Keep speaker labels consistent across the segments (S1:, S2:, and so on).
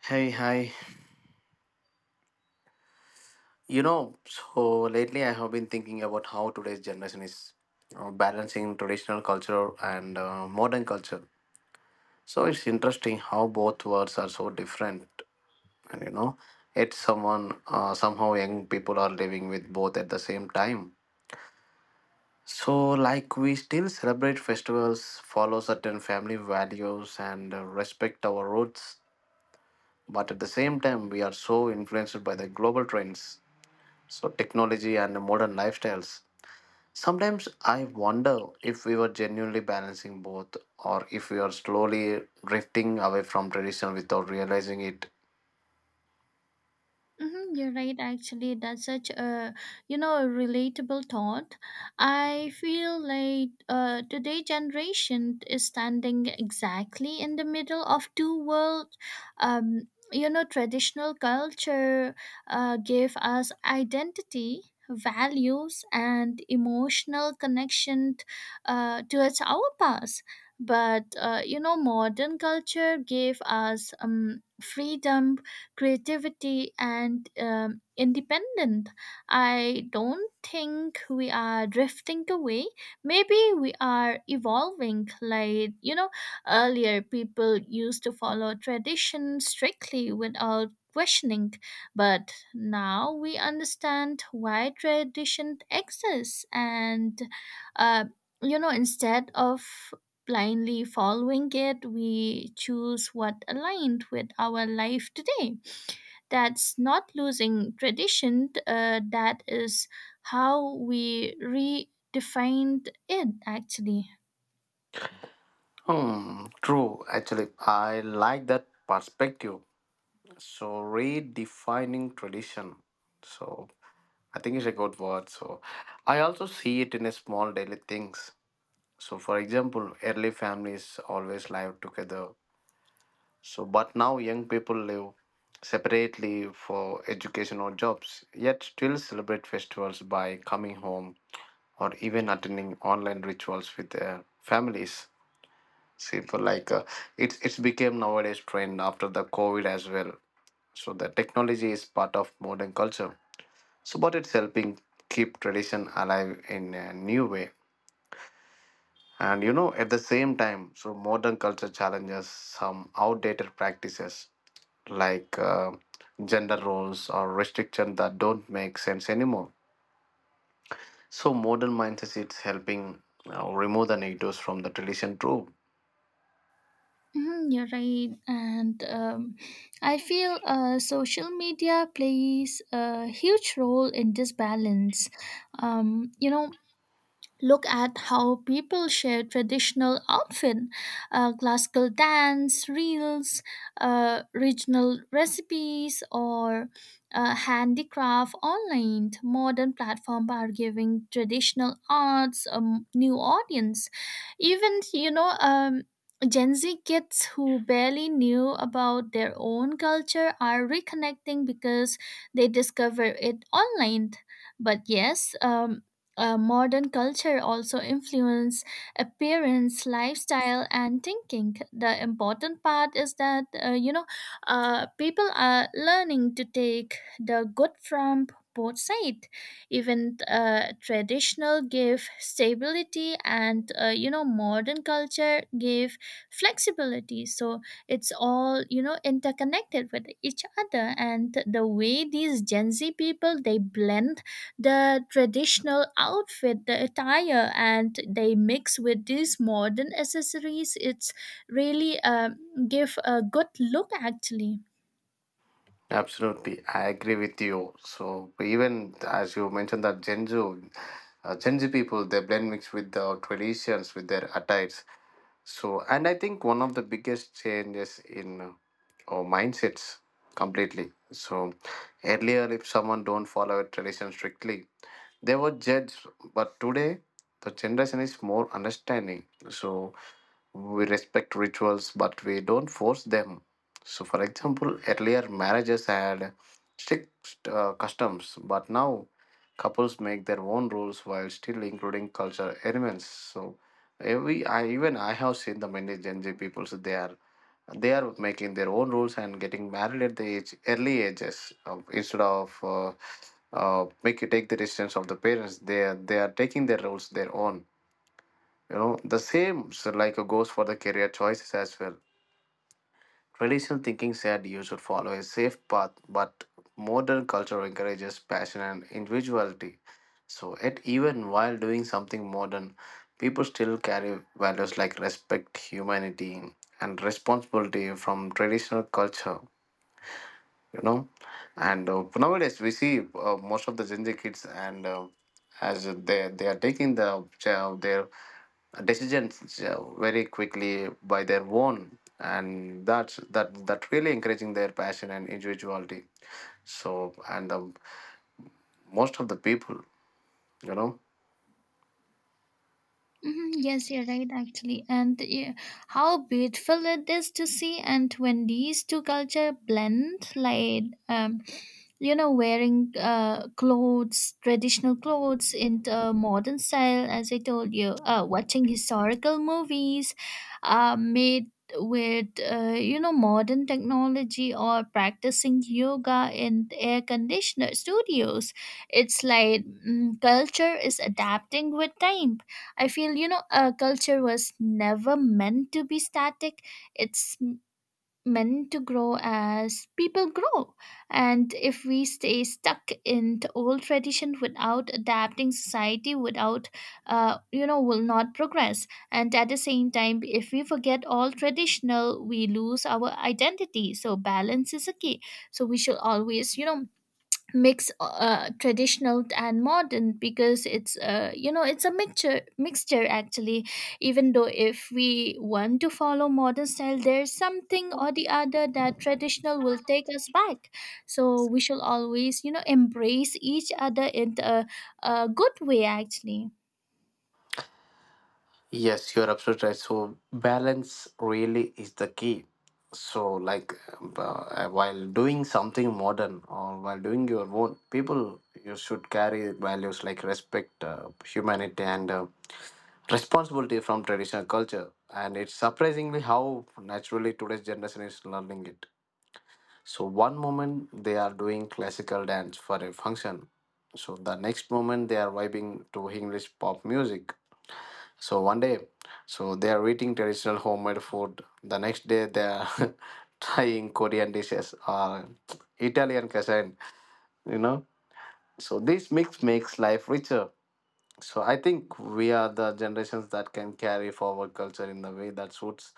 S1: Hey, hi. You know, so lately I have been thinking about how today's generation is balancing traditional culture and modern culture. So it's interesting how both worlds are so different, and you know, it's someone somehow young people are living with both at the same time. So like we still celebrate festivals, follow certain family values, and respect our roots, but at the same time we are so influenced by the global trends, so technology and the modern lifestyles. Sometimes I wonder if we were genuinely balancing both, or if we are slowly drifting away from tradition without realizing it.
S2: Mm-hmm, you're right. Actually, that's such a a relatable thought. I feel like today generation is standing exactly in the middle of two worlds. Traditional culture gave us identity, values, and emotional connection towards our past. But modern culture gave us freedom, creativity, and independence. I don't think we are drifting away. Maybe we are evolving. Like, you know, earlier people used to follow tradition strictly without questioning, but now we understand why tradition exists, and uh, instead of blindly following it, we choose what aligned with our life today. That's not losing tradition, that is how we redefined it actually.
S1: Hmm, true. Actually, I like that perspective. So redefining tradition, so I think it's a good word. So I also see it in a small daily things. So for example, early families always live together. But now young people live separately for education or jobs, yet still celebrate festivals by coming home or even attending online rituals with their families. Simple, like, it's became nowadays trend after the COVID as well. So the technology is part of modern culture. But it's helping keep tradition alive in a new way. And at the same time, so modern culture challenges some outdated practices like, gender roles or restrictions that don't make sense anymore. So modern mindset is helping remove the negatives from the tradition too.
S2: Mhm, you're right. And I feel social media plays a huge role in this balance. Um, you know, Look at how people share traditional outfit, classical dance, reels, regional recipes, or handicraft online. Modern platforms are giving traditional arts a new audience. Even Gen Z kids who barely knew about their own culture are reconnecting because they discover it online. But yes, modern culture also influence appearance, lifestyle, and thinking. The important part is that people are learning to take the good from both sides. Even traditional give stability, and modern culture give flexibility, so it's all interconnected with each other. And the way these Gen Z people, they blend the traditional outfit, the attire, and they mix with these modern accessories. It's really give a good look actually.
S1: Absolutely, I agree with you. So even as you mentioned that Gen Z people they blend mix with the traditions with their attires. So and I think one of the biggest changes in our mindsets completely. So earlier, if someone don't follow a tradition strictly, they were judged, but today the generation is more understanding, so we respect rituals but we don't force them. So for example, earlier marriages had strict customs, but now couples make their own rules while still including cultural elements. So every I even I have seen the many Gen Z people, so they are making their own rules and getting married at the age early ages of, instead of make you take the decisions of the parents, they are taking their rules their own, the same, so like, goes for the career choices as well. Traditional thinking said you should follow a safe path, but modern culture encourages passion and individuality. So, yet even while doing something modern, people still carry values like respect, humanity, and responsibility from traditional culture. You know and uh, nowadays we see, most of the Gen Z kids and as they are taking the, their decisions, very quickly by their own, and that really encouraging their passion and individuality. So and most of the people you know
S2: Mhm. Yes, you're right, actually. And yeah, how beautiful it is to see. And when these two culture blend, like, wearing clothes, traditional clothes into modern style, as I told you, watching historical movies made with, modern technology, or practicing yoga in air conditioner studios. It's like culture is adapting with time. I feel, you know, a culture was never meant to be static. It's meant to grow as people grow. And if we stay stuck in the old tradition without adapting, society, without, will not progress. And at the same time, if we forget all traditional, we lose our identity. So balance is a key. So we should always, you know, mix traditional and modern, because it's it's a mixture actually. Even though if we want to follow modern style, there's something or the other that traditional will take us back. So we should always, you know, embrace each other in a good way actually.
S1: Yes, you're absolutely right. So balance really is the key. So like, while doing something modern or while doing your own, people you should carry values like respect, humanity, and, responsibility from traditional culture. And it's surprisingly how naturally today's generation is learning it. So one moment they are doing classical dance for a function, so the next moment they are vibing to English pop music. So one day, so they are eating traditional homemade food. The next day, they are trying Korean dishes or Italian cuisine. You know, so this mix makes life richer. So I think we are the generations that can carry forward culture in the way that suits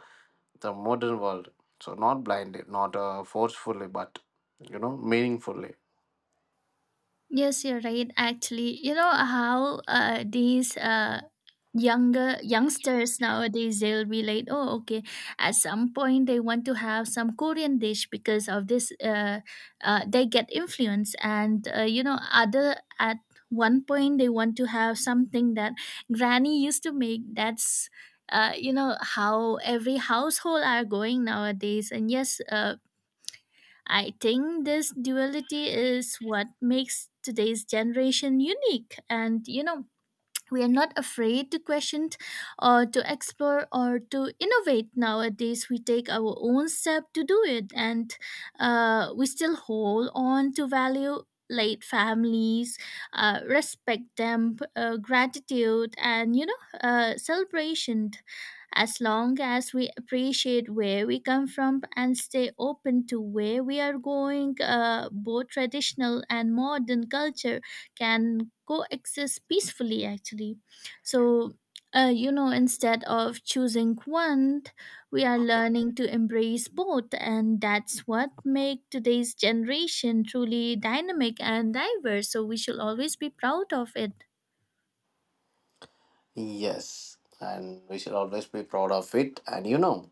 S1: the modern world. So not blindly, not, forcefully, but meaningfully.
S2: Yes, you're right. Actually, you know how these younger youngsters nowadays, they'll be like, oh, okay. At some point, they want to have some Korean dish because of this. They get influence, and other at one point they want to have something that Granny used to make. That's you know how every household are going nowadays. And yes, I think this duality is what makes today's generation unique. And, you know, we are not afraid to question or to explore or to innovate nowadays. We take our own step to do it. And we still hold on to value late families, respect them, gratitude, and, you know, celebration. As long as we appreciate where we come from and stay open to where we are going, both traditional and modern culture can coexist peacefully, actually. So, you know, instead of choosing one, we are learning to embrace both, and that's what make today's generation truly dynamic and diverse. So we should always be proud of it.
S1: Yes, and we should always be proud of it. And you know,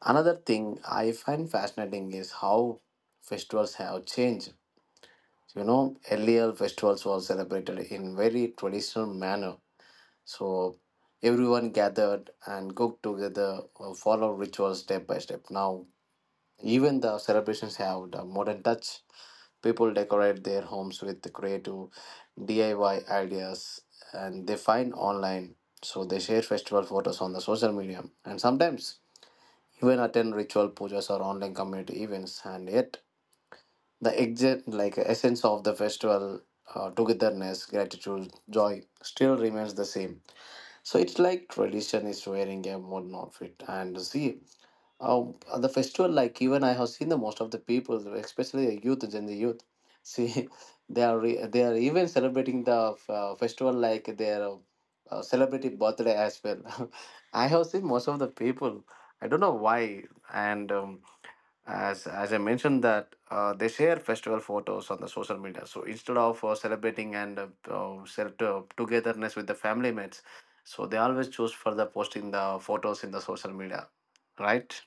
S1: another thing I find fascinating is how festivals have changed. You know, earlier festivals were celebrated in very traditional manner. So everyone gathered and cooked together, followed rituals step by step. Now, even the celebrations have the modern touch. People decorate their homes with creative DIY ideas and they find online. So they share festival photos on the social media and sometimes even attend ritual pujas or online community events. And yet, the exact like essence of the festival, togetherness, gratitude, joy, still remains the same. So it's like tradition is wearing a modern outfit, and see, at the festival, like even I have seen the most of the people, especially the youth and the youth. See, they are even celebrating the festival like their, celebrating birthday as well. I have seen most of the people. I don't know why. And as I mentioned that they share festival photos on the social media. So instead of celebrating and togetherness with the family mates, so they always choose for the posting the photos in the social media, right?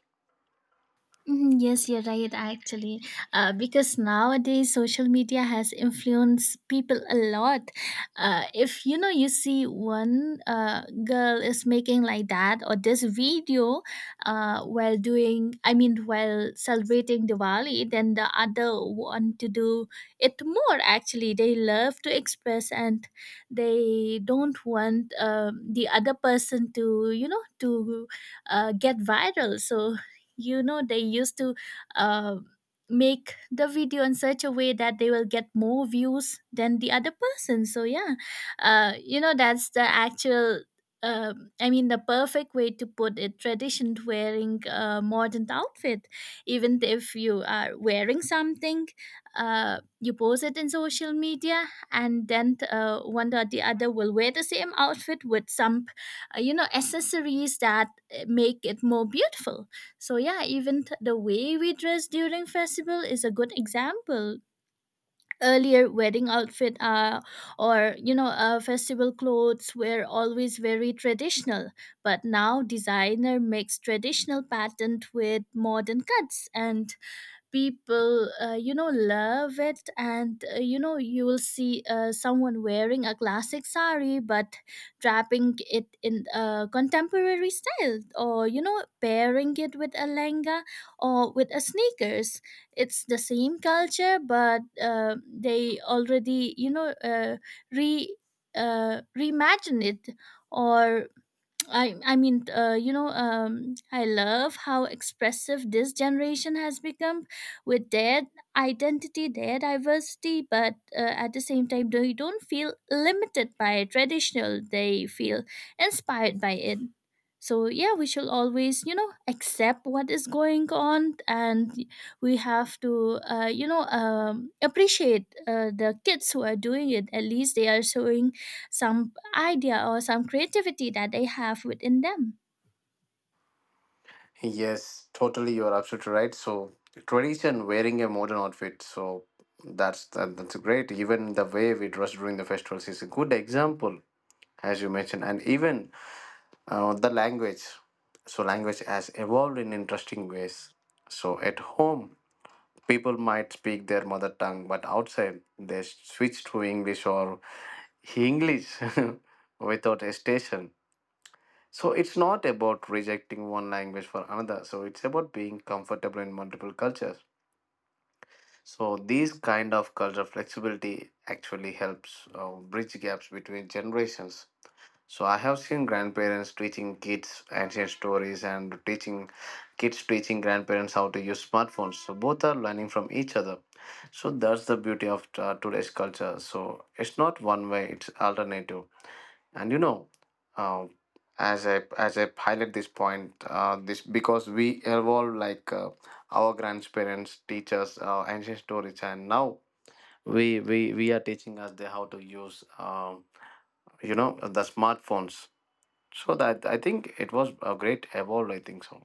S2: Mhm. Yes, you're right, actually. Because nowadays social media has influenced people a lot. If you know, you see one girl is making like that or this video while doing, I mean, while celebrating Diwali, then the other want to do it more, actually. They love to express, and they don't want the other person to, you know, to get viral. So you know they used to uh, make the video in such a way that they will get more views than the other person. So yeah, you know that's the actual I mean the perfect way to put it, tradition to wearing a modern outfit. Even if you are wearing something, you post it in social media, and then one or the other will wear the same outfit with some you know accessories that make it more beautiful. So yeah, even the way we dress during festival is a good example. Earlier, wedding outfit or you know festival clothes were always very traditional, but now designer makes traditional pattern with modern cuts, and people you know love it. And you know you will see someone wearing a classic sari but wrapping it in a contemporary style, or you know pairing it with a lenga or with a sneakers. It's the same culture, but they already you know re reimagine it. Or I mean, I love how expressive this generation has become with their identity, their diversity, but at the same time, they don't feel limited by traditional. They feel inspired by it. So yeah, we should always, you know, accept what is going on, and we have to, appreciate the kids who are doing it. At least they are showing some idea or some creativity that they have within them.
S1: Yes, totally. You're absolutely right. So tradition, wearing a modern outfit. So that's great. Even the way we dress during the festivals is a good example, as you mentioned, and even, the language. So language has evolved in interesting ways. So at home, people might speak their mother tongue, but outside they switch to English or English without hesitation. So it's not about rejecting one language for another. So it's about being comfortable in multiple cultures. So these kind of cultural flexibility actually helps bridge gaps between generations. So I have seen grandparents teaching kids ancient stories and teaching kids teaching grandparents how to use smartphones. So both are learning from each other. So that's the beauty of, today's culture. So it's not one way; it's alternative. And uh, as I highlight this point, this because we evolve like, our grandparents, teachers, ancient stories, and now we are teaching us the how to use the smartphones. So that I think it was a great evolve. I think so.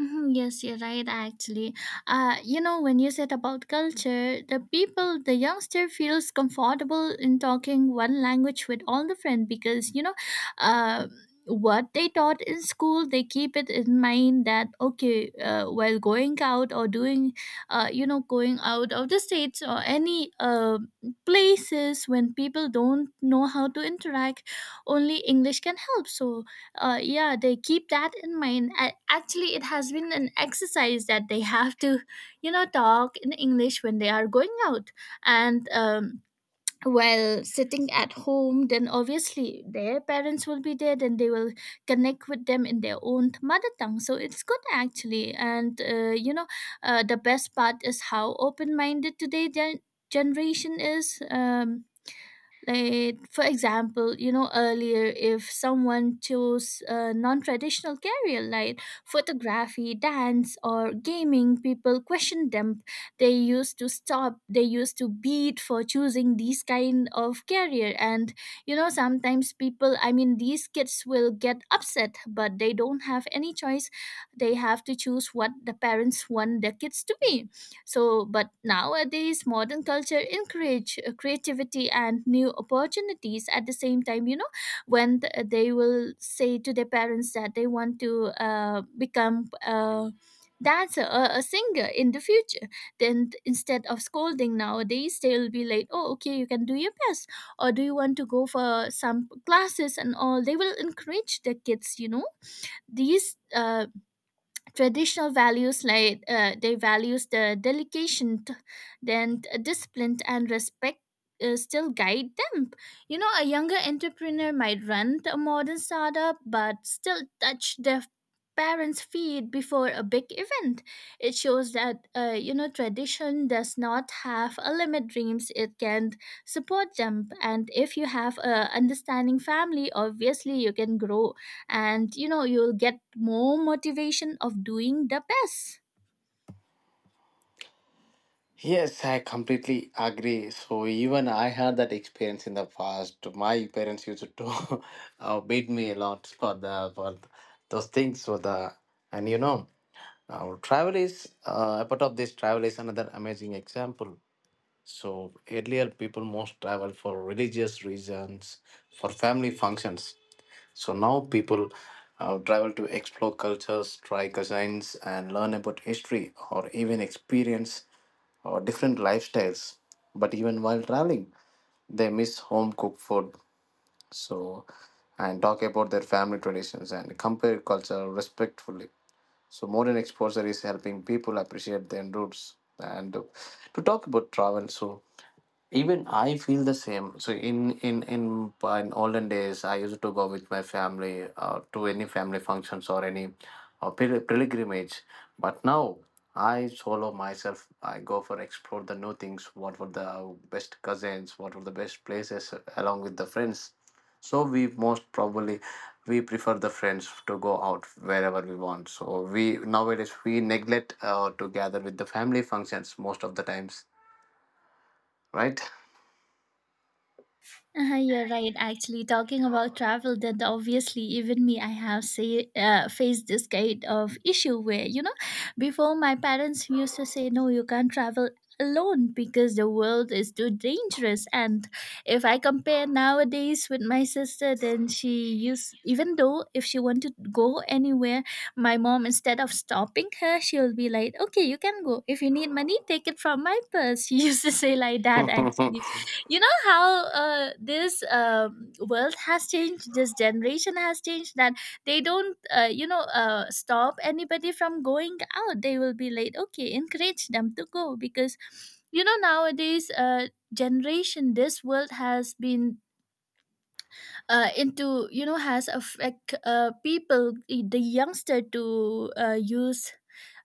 S2: Mhm. Yes, you're right, actually. You know, when you said about culture, the people, the youngster feels comfortable in talking one language with all the friend because, you know, uh, what they taught in school, they keep it in mind that, okay, while going out or doing, going out of the states or any places when people don't know how to interact, only English can help. So, yeah they keep that in mind. Actually it has been an exercise that they have to you know talk in English when they are going out. And while sitting at home, then obviously their parents will be there, then they will connect with them in their own mother tongue, so it's good actually. And the best part is how open-minded today generation is. Like for example, you know, earlier if someone chose a non-traditional career like photography, dance, or gaming, people questioned them. They used to stop, they used to beat for choosing these kind of career. And you know sometimes people, I mean these kids will get upset, but they don't have any choice. They have to choose what the parents want their kids to be. So, but nowadays, modern culture encourage creativity and new opportunities. At the same time, you know, when they will say to their parents that they want to become a dancer or a singer in the future, then instead of scolding nowadays, they'll be like, "Oh, okay, you can do your best," or "Do you want to go for some classes and all?" They will encourage the kids. You know, these. Traditional values like they values the delegation discipline and respect still guide them. You know a younger entrepreneur might run a modern startup but still touch their parents feet before a big event. It shows that you know tradition does not have a limit dreams, it can support them. And if you have a understanding family, obviously you can grow, and you know you'll get more motivation of doing the best.
S1: Yes, I completely agree. So even I had that experience in the past. My parents used to beat me a lot for those things. So the and you know now, travel is, a part of this travel is another amazing example. So earlier people most travel for religious reasons, for family functions. So now people, travel to explore cultures, try cuisines, and learn about history, or even experience or different lifestyles. But even while traveling, they miss home cooked food. So and talk about their family traditions and compare culture respectfully. So modern exposure is helping people appreciate their roots. And to talk about travel, so even I feel the same. So in olden days, I used to go with my family, to any family functions or any pilgrimage. But now I solo myself. I go for explore the new things. What were the best cousins? What were the best places along with the friends? So we most probably we prefer the friends to go out wherever we want. So we nowadays we neglect, to gather with the family functions most of the times, right?
S2: You're right. Actually, talking about travel, then obviously even me, I have say, faced this kind of issue where you know, before my parents used to say, "No, you can't travel alone because the world is too dangerous." And if I compare nowadays with my sister, then she used even though if she wanted to go anywhere, my mom instead of stopping her, she'll be like, "Okay, you can go. If you need money, take it from my purse." She used to say like that actually. You know how this world has changed, this generation has changed, that they don't stop anybody from going out. They will be like okay, encourage them to go because you know nowadays generation this world has been into you know has affect people the youngster to use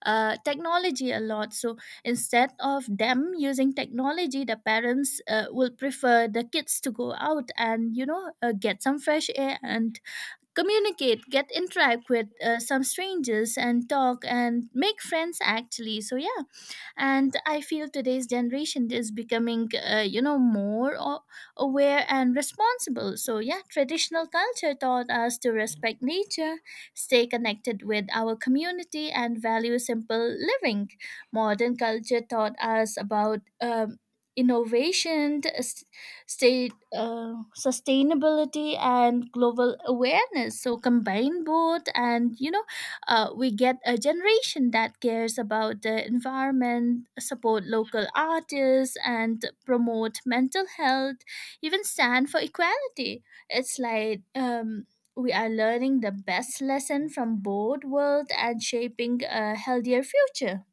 S2: technology a lot. So instead of them using technology, the parents will prefer the kids to go out and you know get some fresh air and communicate, get interact with some strangers and talk and make friends actually. So yeah and I feel today's generation is becoming you know aware and responsible. Traditional culture taught us to respect nature, stay connected with our community, and value simple living. Modern culture taught us about innovation, state sustainability, and global awareness. So combine both, and we get a generation that cares about the environment, support local artists, and promote mental health, even stand for equality. It's like we are learning the best lesson from both world and shaping a healthier future.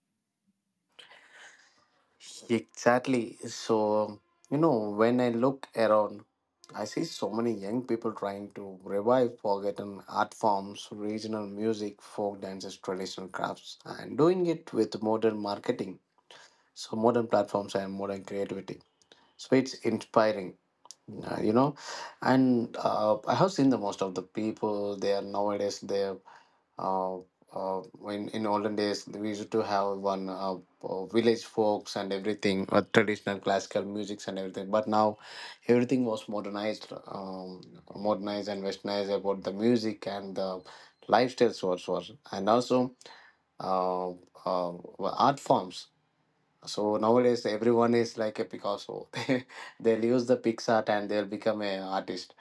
S1: Exactly. So, when I look around, I see so many young people trying to revive forgotten art forms, regional music, folk dances, traditional crafts, and doing it with modern marketing. So, modern platforms and modern creativity. So, it's inspiring, you know. And I have seen the most of the people they are nowadays there, uh, uh, in olden days we used to have one, village folks and everything, traditional classical musics and everything, but now everything was modernized, modernized and westernized about the music and the lifestyles also, and also, uh, uh, well, art forms. So nowadays everyone is like a Picasso. They'll use the pixart and they'll become an artist.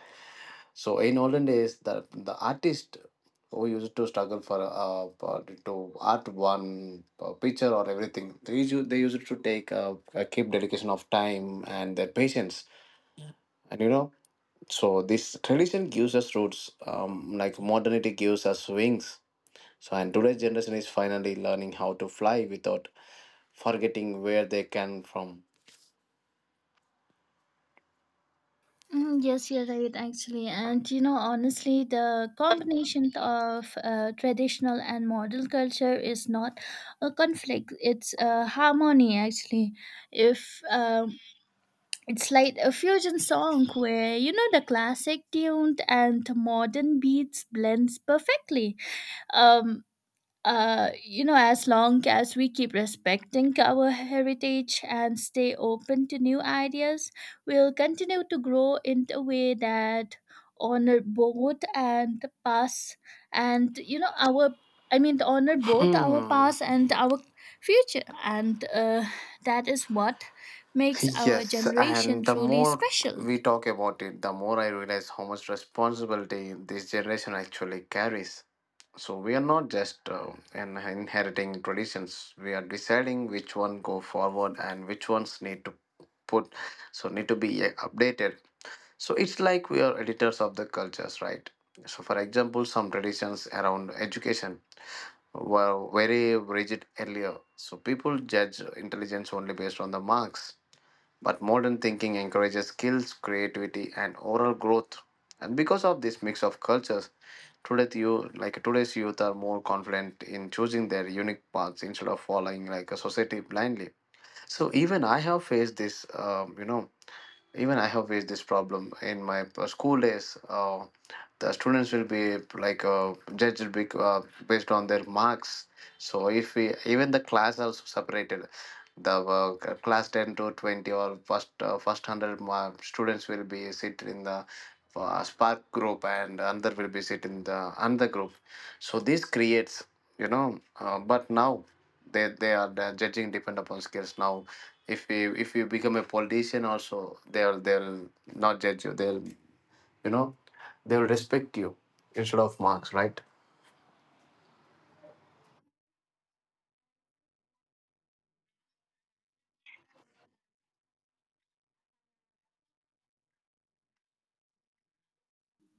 S1: So in olden days, the artist who used to struggle to art one, picture or everything, they used to take, keep dedication of time and their patience, and you know. So this tradition gives us roots, like modernity gives us wings. So and today's generation is finally learning how to fly without forgetting where they came from.
S2: Mm, yes, you're right, actually. And you know, honestly, the combination of traditional and modern culture is not a conflict, it's a harmony, actually. If It's like a fusion song where you know the classic tuned and modern beats blends perfectly. Um, you know, as long as we keep respecting our heritage and stay open to new ideas, we'll continue to grow in a way that honor both and past and you know our I mean to honor both our past and our future. And that is what makes our
S1: Yes, and
S2: generation
S1: the
S2: truly
S1: more
S2: special.
S1: we talk about it, the more I realize how much responsibility this generation actually carries. So we are not just, inheriting traditions; we are deciding which one go forward and which ones need to put, so need to be, updated. So it's like we are editors of the cultures, right? So, for example, some traditions around education were very rigid earlier. So people judge intelligence only based on the marks, but modern thinking encourages skills, creativity, and oral growth. And because of this mix of cultures, today's you like today's youth are more confident in choosing their unique paths instead of following like a society blindly. So even I have faced even I have faced this problem in my school days. The students will be like judged based on their marks. So if we, even the class also separated, the class 10 to 20, or first 100 students will be sit in the spark group, and another will be sit in the another group. So this creates, but now they are the judging depend upon skills now. If you become a politician also, they'll not judge you, they'll, you know, they'll respect you instead of marks, right?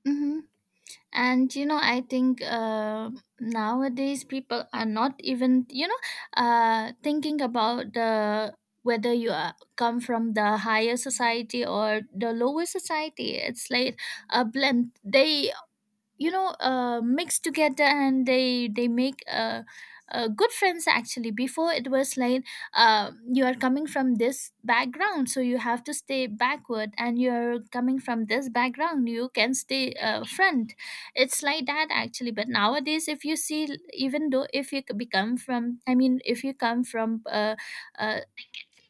S2: Hmm. And you know, I think nowadays people are not even you know thinking about the whether you are, come from the higher society or the lower society. It's like a blend. They you know mixed together and they make good friends, actually. Before it was like you are coming from this background, so you have to stay backward, and you're coming from this background, you can stay front. It's like that, actually. But nowadays, if you see, even though if you become from, I mean if you come from uh,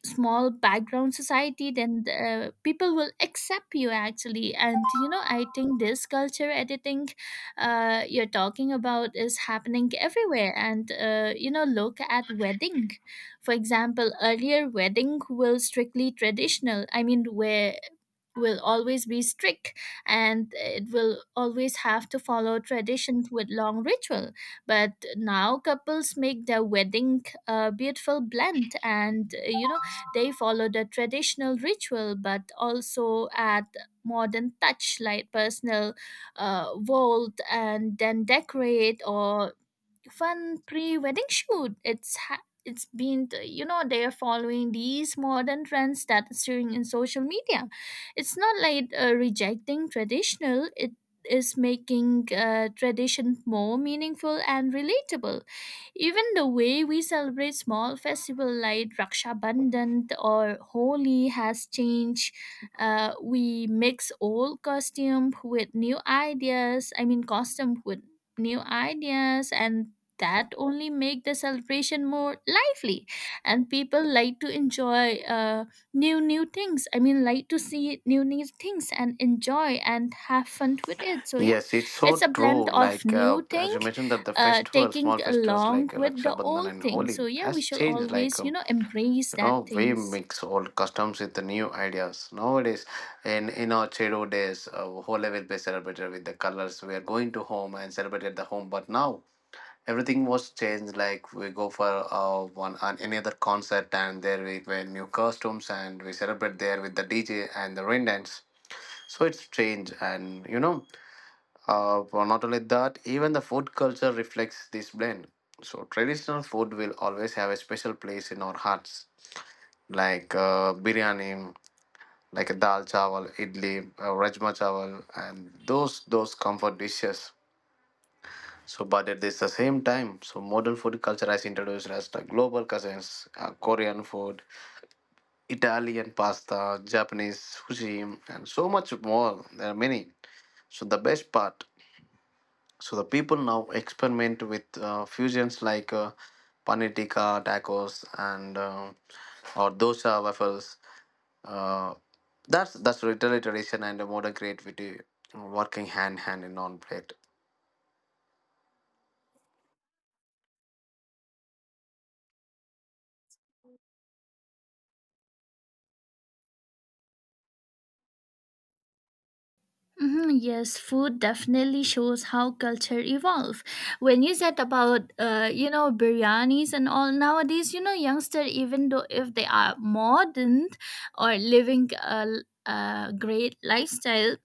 S2: small background society, then people will accept you, actually. And you know, I think this culture editing you're talking about is happening everywhere. And you know, look at wedding, for example. Earlier wedding will strictly traditional, I mean, where will always be strict, and it will always have to follow traditions with long ritual. But now couples make their wedding a beautiful blend, and you know, they follow the traditional ritual but also add modern touch like personal vault and then decorate or fun pre-wedding shoot. It's ha- it's been the- You know, they are following these modern trends that is showing in social media. It's not like rejecting traditional. It is making tradition more meaningful and relatable. Even the way we celebrate small festival like Raksha Bandhan or Holi has changed. We mix old costume with new ideas. I mean, costume with new ideas, and that only make the celebration more lively, and people like to enjoy new new things, I mean like to see new new things and enjoy and have fun with it. So yeah,
S1: Yes, it's so
S2: it's a blend
S1: true.
S2: of new thing
S1: As you mentioned, that the festival,
S2: taking
S1: small festivals
S2: along
S1: like
S2: with
S1: raksha
S2: the
S1: bandhan
S2: old
S1: and
S2: thing.
S1: holi
S2: So yeah, we
S1: has
S2: shall
S1: changed.
S2: always you know embrace
S1: You know,
S2: that
S1: we
S2: things.
S1: mix old customs with the new ideas nowadays. In our childhood days, holi will be celebrated with the colors. We are going to home and celebrate at the home, but now everything was changed. Like we go for one on any other concert, and there we wear new costumes, and we celebrate there with the DJ and the rain dance. So it's changed. And you know, not only that, even the food culture reflects this blend. So traditional food will always have a special place in our hearts, like biryani, like dal chawal, idli, rajma chawal, and those comfort dishes. So, but at this the same time, so modern food culture has introduced us the global cuisines: Korean food, Italian pasta, Japanese sushi, and so much more. There are many. So the best part, so the people now experiment with fusions like paneer tikka, tacos, and or dosa waffles. Uh, that's literally tradition and modern creativity working hand in on plate.
S2: Mhm, yes, food definitely shows how culture evolve. When you said about you know biryanis and all nowadays, you know youngster, even though if they are modern or living a great lifestyle,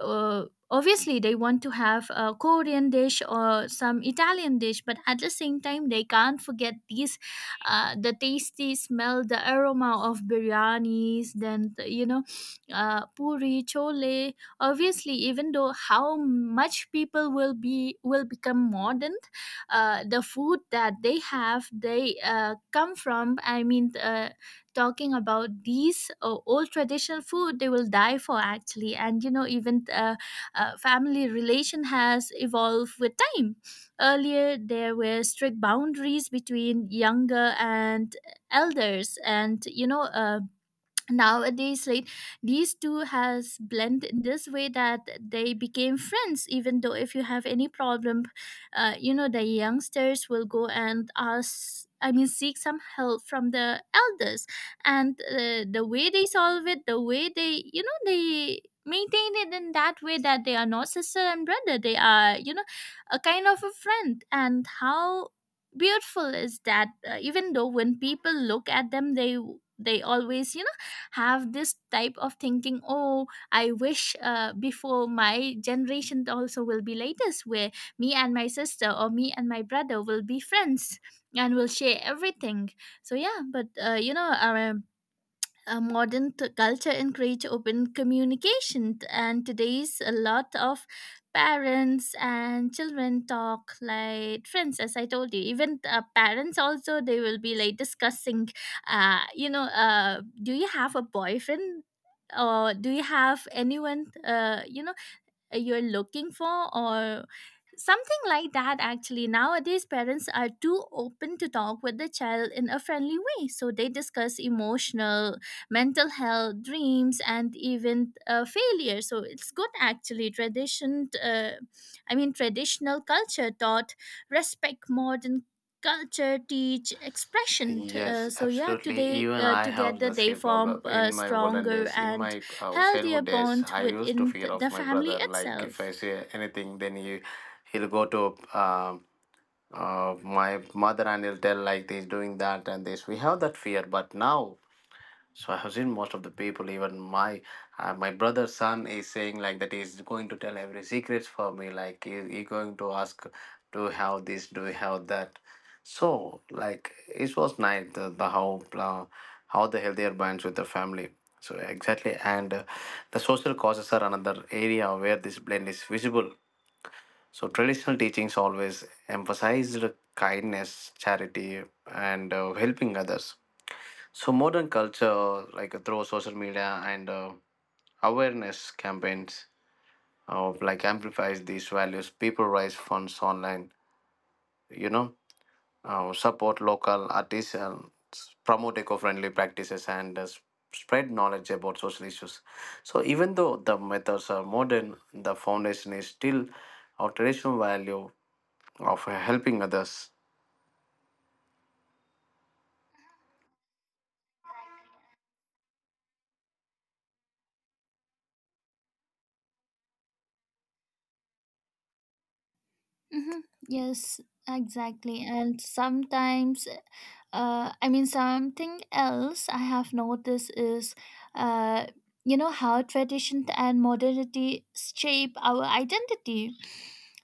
S2: uh, obviously they want to have a Korean dish or some Italian dish, but at the same time they can't forget these the tasty smell, the aroma of biryanis, then you know puri, chole. Obviously, even though how much people will be will become modern, the food that they have they come from, I mean talking about these old traditional food, they will die for, actually. And you know, even family relation has evolved with time. Earlier there were strict boundaries between younger and elders, and you know nowadays like these two has blended in this way that they became friends. Even though if you have any problem, you know the youngsters will go and ask, I mean seek some help from the elders, and the way they solve it, the way they you know they maintain it, in that way that they are not sister and brother, they are you know a kind of a friend. And how beautiful is that, even though when people look at them, they always you have this type of thinking, oh, I wish before my generation also will be like this, where me and my sister or me and my brother will be friends and will share everything. So yeah, but you know our modern culture encourage open communication, and today's a lot of parents and children talk like friends. As I told you, even parents also they will be like discussing you know do you have a boyfriend, or do you have anyone you know you're looking for, or something like that, actually. Nowadays, parents are too open to talk with the child in a friendly way. So they discuss emotional, mental health, dreams, and even failure. So it's good, actually. Tradition, I mean, traditional culture taught respect, modern culture teach expression.
S1: Yes,
S2: So yeah,
S1: absolutely.
S2: today
S1: Even I have
S2: together
S1: the
S2: they
S1: same
S2: form
S1: problem in
S2: a
S1: my olden
S2: stronger
S1: days. In
S2: and
S1: my
S2: healthier
S1: childhood days,
S2: bond
S1: I used to
S2: within
S1: fear of
S2: the
S1: my
S2: family
S1: brother. Like if I
S2: itself.
S1: say anything, then he'll go to my mother and he'll tell like this, doing that and this. We have that fear, but now, so I have seen most of the people, even my my brother's son is saying like that he's going to tell every secrets for me. Like he going to ask, do you have this? Do you have that? So like it was nice the uh, how the healthier binds with the family. So exactly, and the social causes are another area where this blend is visible. So traditional teachings always emphasized kindness, charity, and helping others. So modern culture, like through social media and awareness campaigns, like amplifies these values. People raise funds online, you know, support local artisans, promote eco-friendly practices, and spread knowledge about social issues. So even though the methods are modern, the foundation is still our traditional value of helping others.
S2: Hmm. Yes, exactly. And sometimes, I mean, something else I have noticed is, uh, you know, how tradition and modernity shape our identity.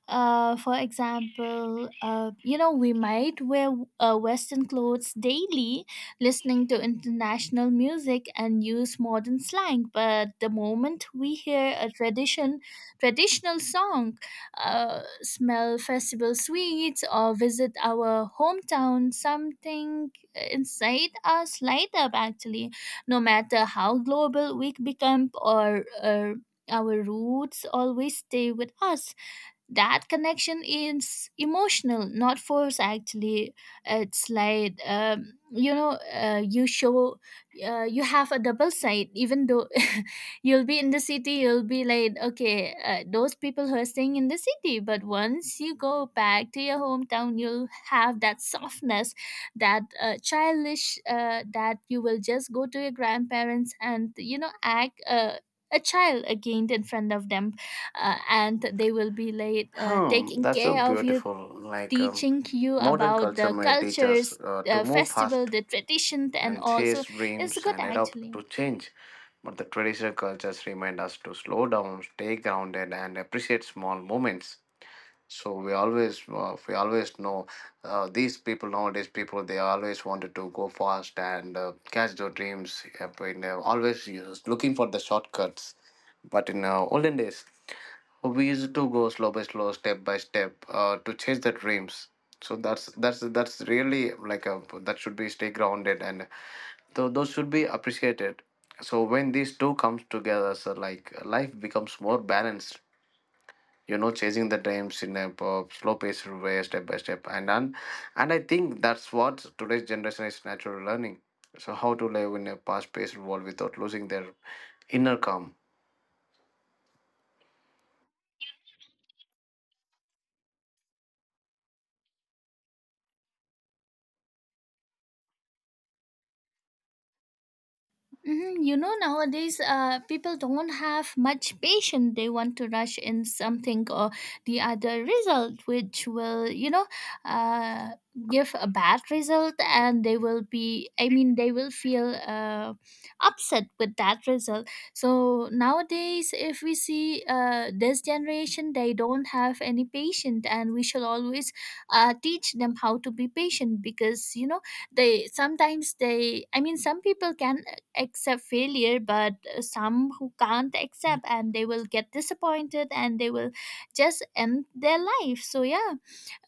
S2: For example, you know, we might wear Western clothes daily, listening to international music, and use modern slang. But the moment we hear a tradition, traditional song, smell festival sweets, or visit our hometown, something inside us light up, actually. No matter how global we become, or our roots always stay with us. That connection is emotional, not forced, actually. It's like you know you show you have a double side. Even though you'll be in the city, you'll be like, okay, those people who are staying in the city, but once you go back to your hometown, you'll have that softness, that childish, that you will just go to your grandparents and you know act a child again in front of them. And they will be like
S1: Hmm,
S2: taking
S1: that's so
S2: care of you,
S1: beautiful.
S2: teaching you
S1: Modern
S2: about
S1: culture
S2: the
S1: may teach us
S2: cultures,
S1: to
S2: the
S1: move
S2: festival,
S1: fast
S2: the tradition, and
S1: and
S2: all. So
S1: chase
S2: it's
S1: dreams
S2: good,
S1: and adapt
S2: actually.
S1: to change. But the traditional cultures remind us to slow down, stay grounded, and appreciate small moments. So we always know, these people nowadays. People they always wanted to go fast and catch their dreams. Always looking for the shortcuts. But in olden days, we used to go slow by slow, step by step, to chase the dreams. So that's really like a, that should be stay grounded, and so those should be appreciated. So when these two comes together, so like life becomes more balanced. You know, chasing the dreams in a slow paced way, step by step, and I think that's what today's generation is natural learning. So how to live in a fast paced world without losing their inner calm.
S2: Hmm. You know, nowadays people don't have much patience. They want to rush in something or the other result, which will, you know, uh, give a bad result, and they will be, I mean, they will feel upset with that result. So nowadays, if we see this generation, they don't have any patience, and we shall always teach them how to be patient because, you know, they sometimes they I mean some people can accept failure, but some who can't accept, and they will get disappointed, and they will just end their life. So yeah,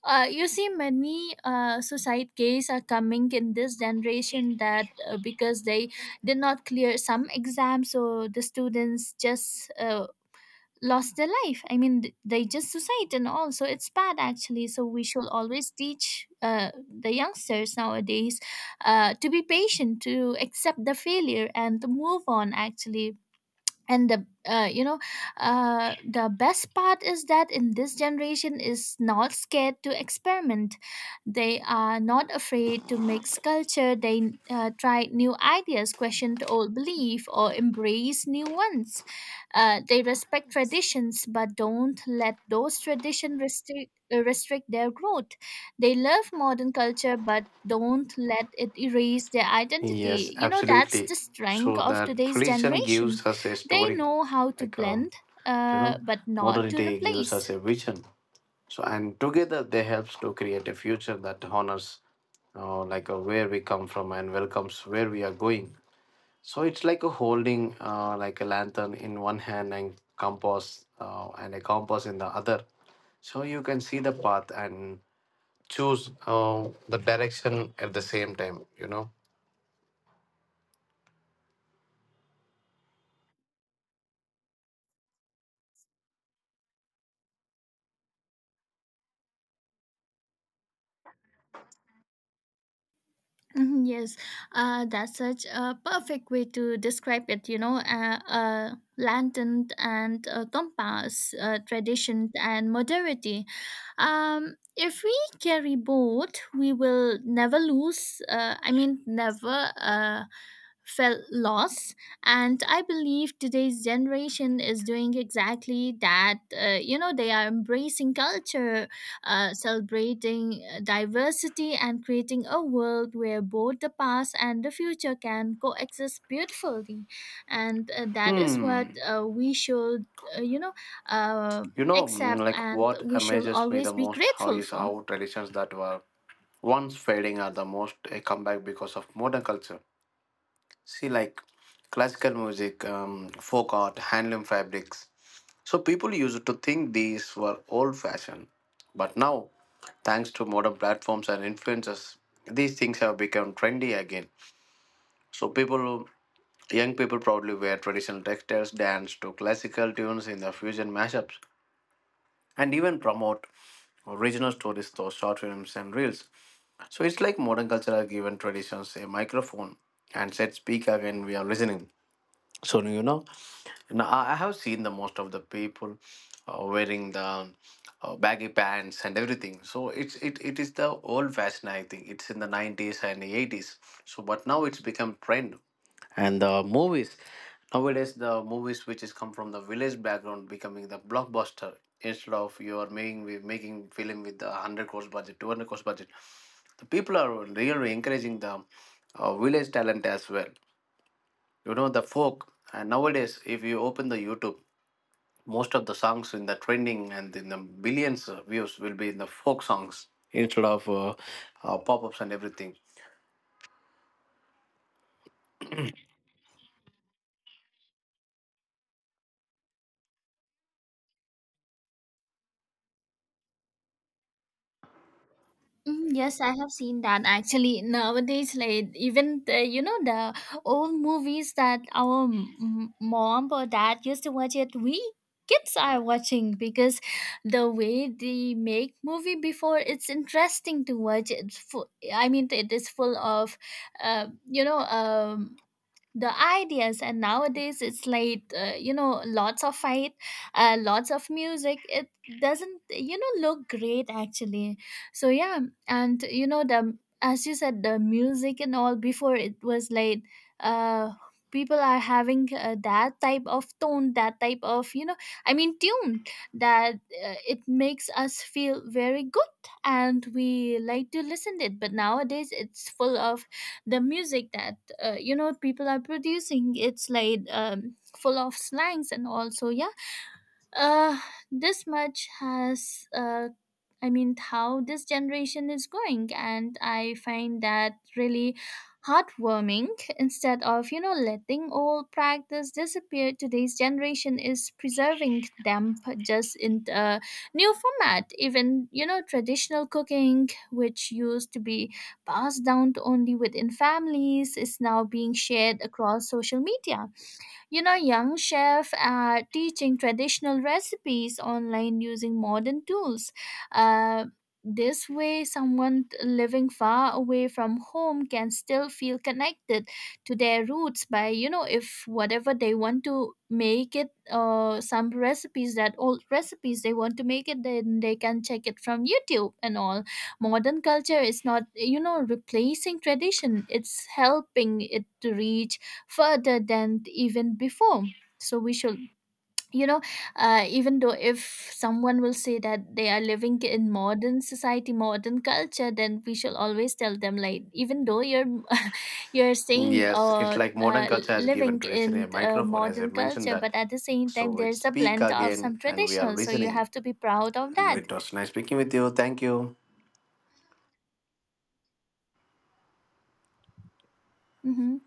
S2: you see many suicide cases are coming in this generation, that because they did not clear some exams, so the students just lost their life, I mean they just suicide and all. So it's bad, actually. So we should always teach the youngsters nowadays to be patient, to accept the failure, and to move on, actually. And the you know the best part is that in this generation is not scared to experiment. They are not afraid to mix culture. They try new ideas, question old belief, or embrace new ones. They respect traditions but don't let those traditions restrict their growth. They love modern culture but don't let it erase their
S1: Yes,
S2: identity. You know, that's
S1: absolutely.
S2: the strength
S1: So
S2: of
S1: that
S2: today's
S1: religion
S2: generation.
S1: gives us a
S2: They
S1: story,
S2: know how to
S1: like um,
S2: blend,
S1: you know,
S2: but not to
S1: modernity gives us
S2: replace.
S1: a vision. So and together they helps to create a future that honors where we come from and welcomes where we are going. So it's like a holding like a lantern in one hand and compass and a compass in the other. So you can see the path and choose the direction at the same time. You know.
S2: Mhm, yes, that's such a perfect way to describe it. You know, a lantern and compass, tradition and modernity. If we carry both, we will never lose. I mean, never. Felt loss. And I believe today's generation is doing exactly that. You know, they are embracing culture, celebrating diversity, and creating a world where both the past and the future can coexist beautifully. And that is what
S1: Hmm.
S2: we should you know uh,
S1: You know,
S2: except,
S1: like
S2: and
S1: what
S2: we should
S1: amazes me the
S2: always be
S1: most how
S2: grateful
S1: is
S2: for.
S1: how traditions that were once fading are the most a comeback because of modern culture. See, like classical music, folk art, handloom fabrics. So people used to think these were old fashioned. But now, thanks to modern platforms and influencers, these things have become trendy again. So people, young people proudly wear traditional textiles, dance to classical tunes in the fusion mashups, and even promote original stories through short films and reels. So it's like modern culture has given traditions a microphone and said, speak again, we are listening. So you know, now I have seen the most of the people wearing the baggy pants and everything. So it is the old fashion. I think it's in the 90s and the 80s. So but now it's become trend, and the movies, nowadays the movies which is come from the village background becoming the blockbuster, instead of you are making, we making film with the 100 crores budget, 200 crores budget. The people are really encouraging the village talent as well. You know, the folk, and nowadays if you open the youtube, most of the songs in the trending and in the billions of views will be in the folk songs instead of pop-ups and everything.
S2: Mm, yes, I have seen that, actually. Nowadays, like, even the, you know, the old movies that our mom or dad used to watch it, we kids are watching, because the way they make movie before, it's interesting to watch. It's full, I mean it is full of you know the ideas, and nowadays it's like you know lots of fight, lots of music. It doesn't you know look great, actually. So yeah. And you know the, as you said, the music and all before it was like uh people are having that type of tone, that type of you know, I mean tune, that it makes us feel very good, and we like to listen to it. But nowadays it's full of the music that you know people are producing. It's like full of slangs and also. Yeah, uh this much has I mean how this generation is going, and I find that really heartwarming. Instead of you know letting old practice disappear, today's generation is preserving them just in a new format. Even you know traditional cooking, which used to be passed down to only within families, is now being shared across social media. You know, young chefs are teaching traditional recipes online using modern tools. Uh, this way, someone living far away from home can still feel connected to their roots by, you know, if whatever they want to make it, some recipes, that old recipes they want to make it, then they can check it from YouTube and all. Modern culture is not, you know, replacing tradition, it's helping it to reach further than even before. So we should you know even though if someone will say that they are living in modern society, modern culture, then we shall always tell them like, even though you're you're saying
S1: Yes, it's like modern culture has given
S2: living
S1: tradition a
S2: in
S1: microphone, as I
S2: modern
S1: mentioned
S2: culture,
S1: that.
S2: but at the same time
S1: So it
S2: there's a
S1: speak
S2: blend of
S1: again
S2: some
S1: and we are
S2: traditional, so you
S1: listening.
S2: have to be proud of
S1: And
S2: that.
S1: it was nice speaking with you. Thank you.
S2: Mm-hmm,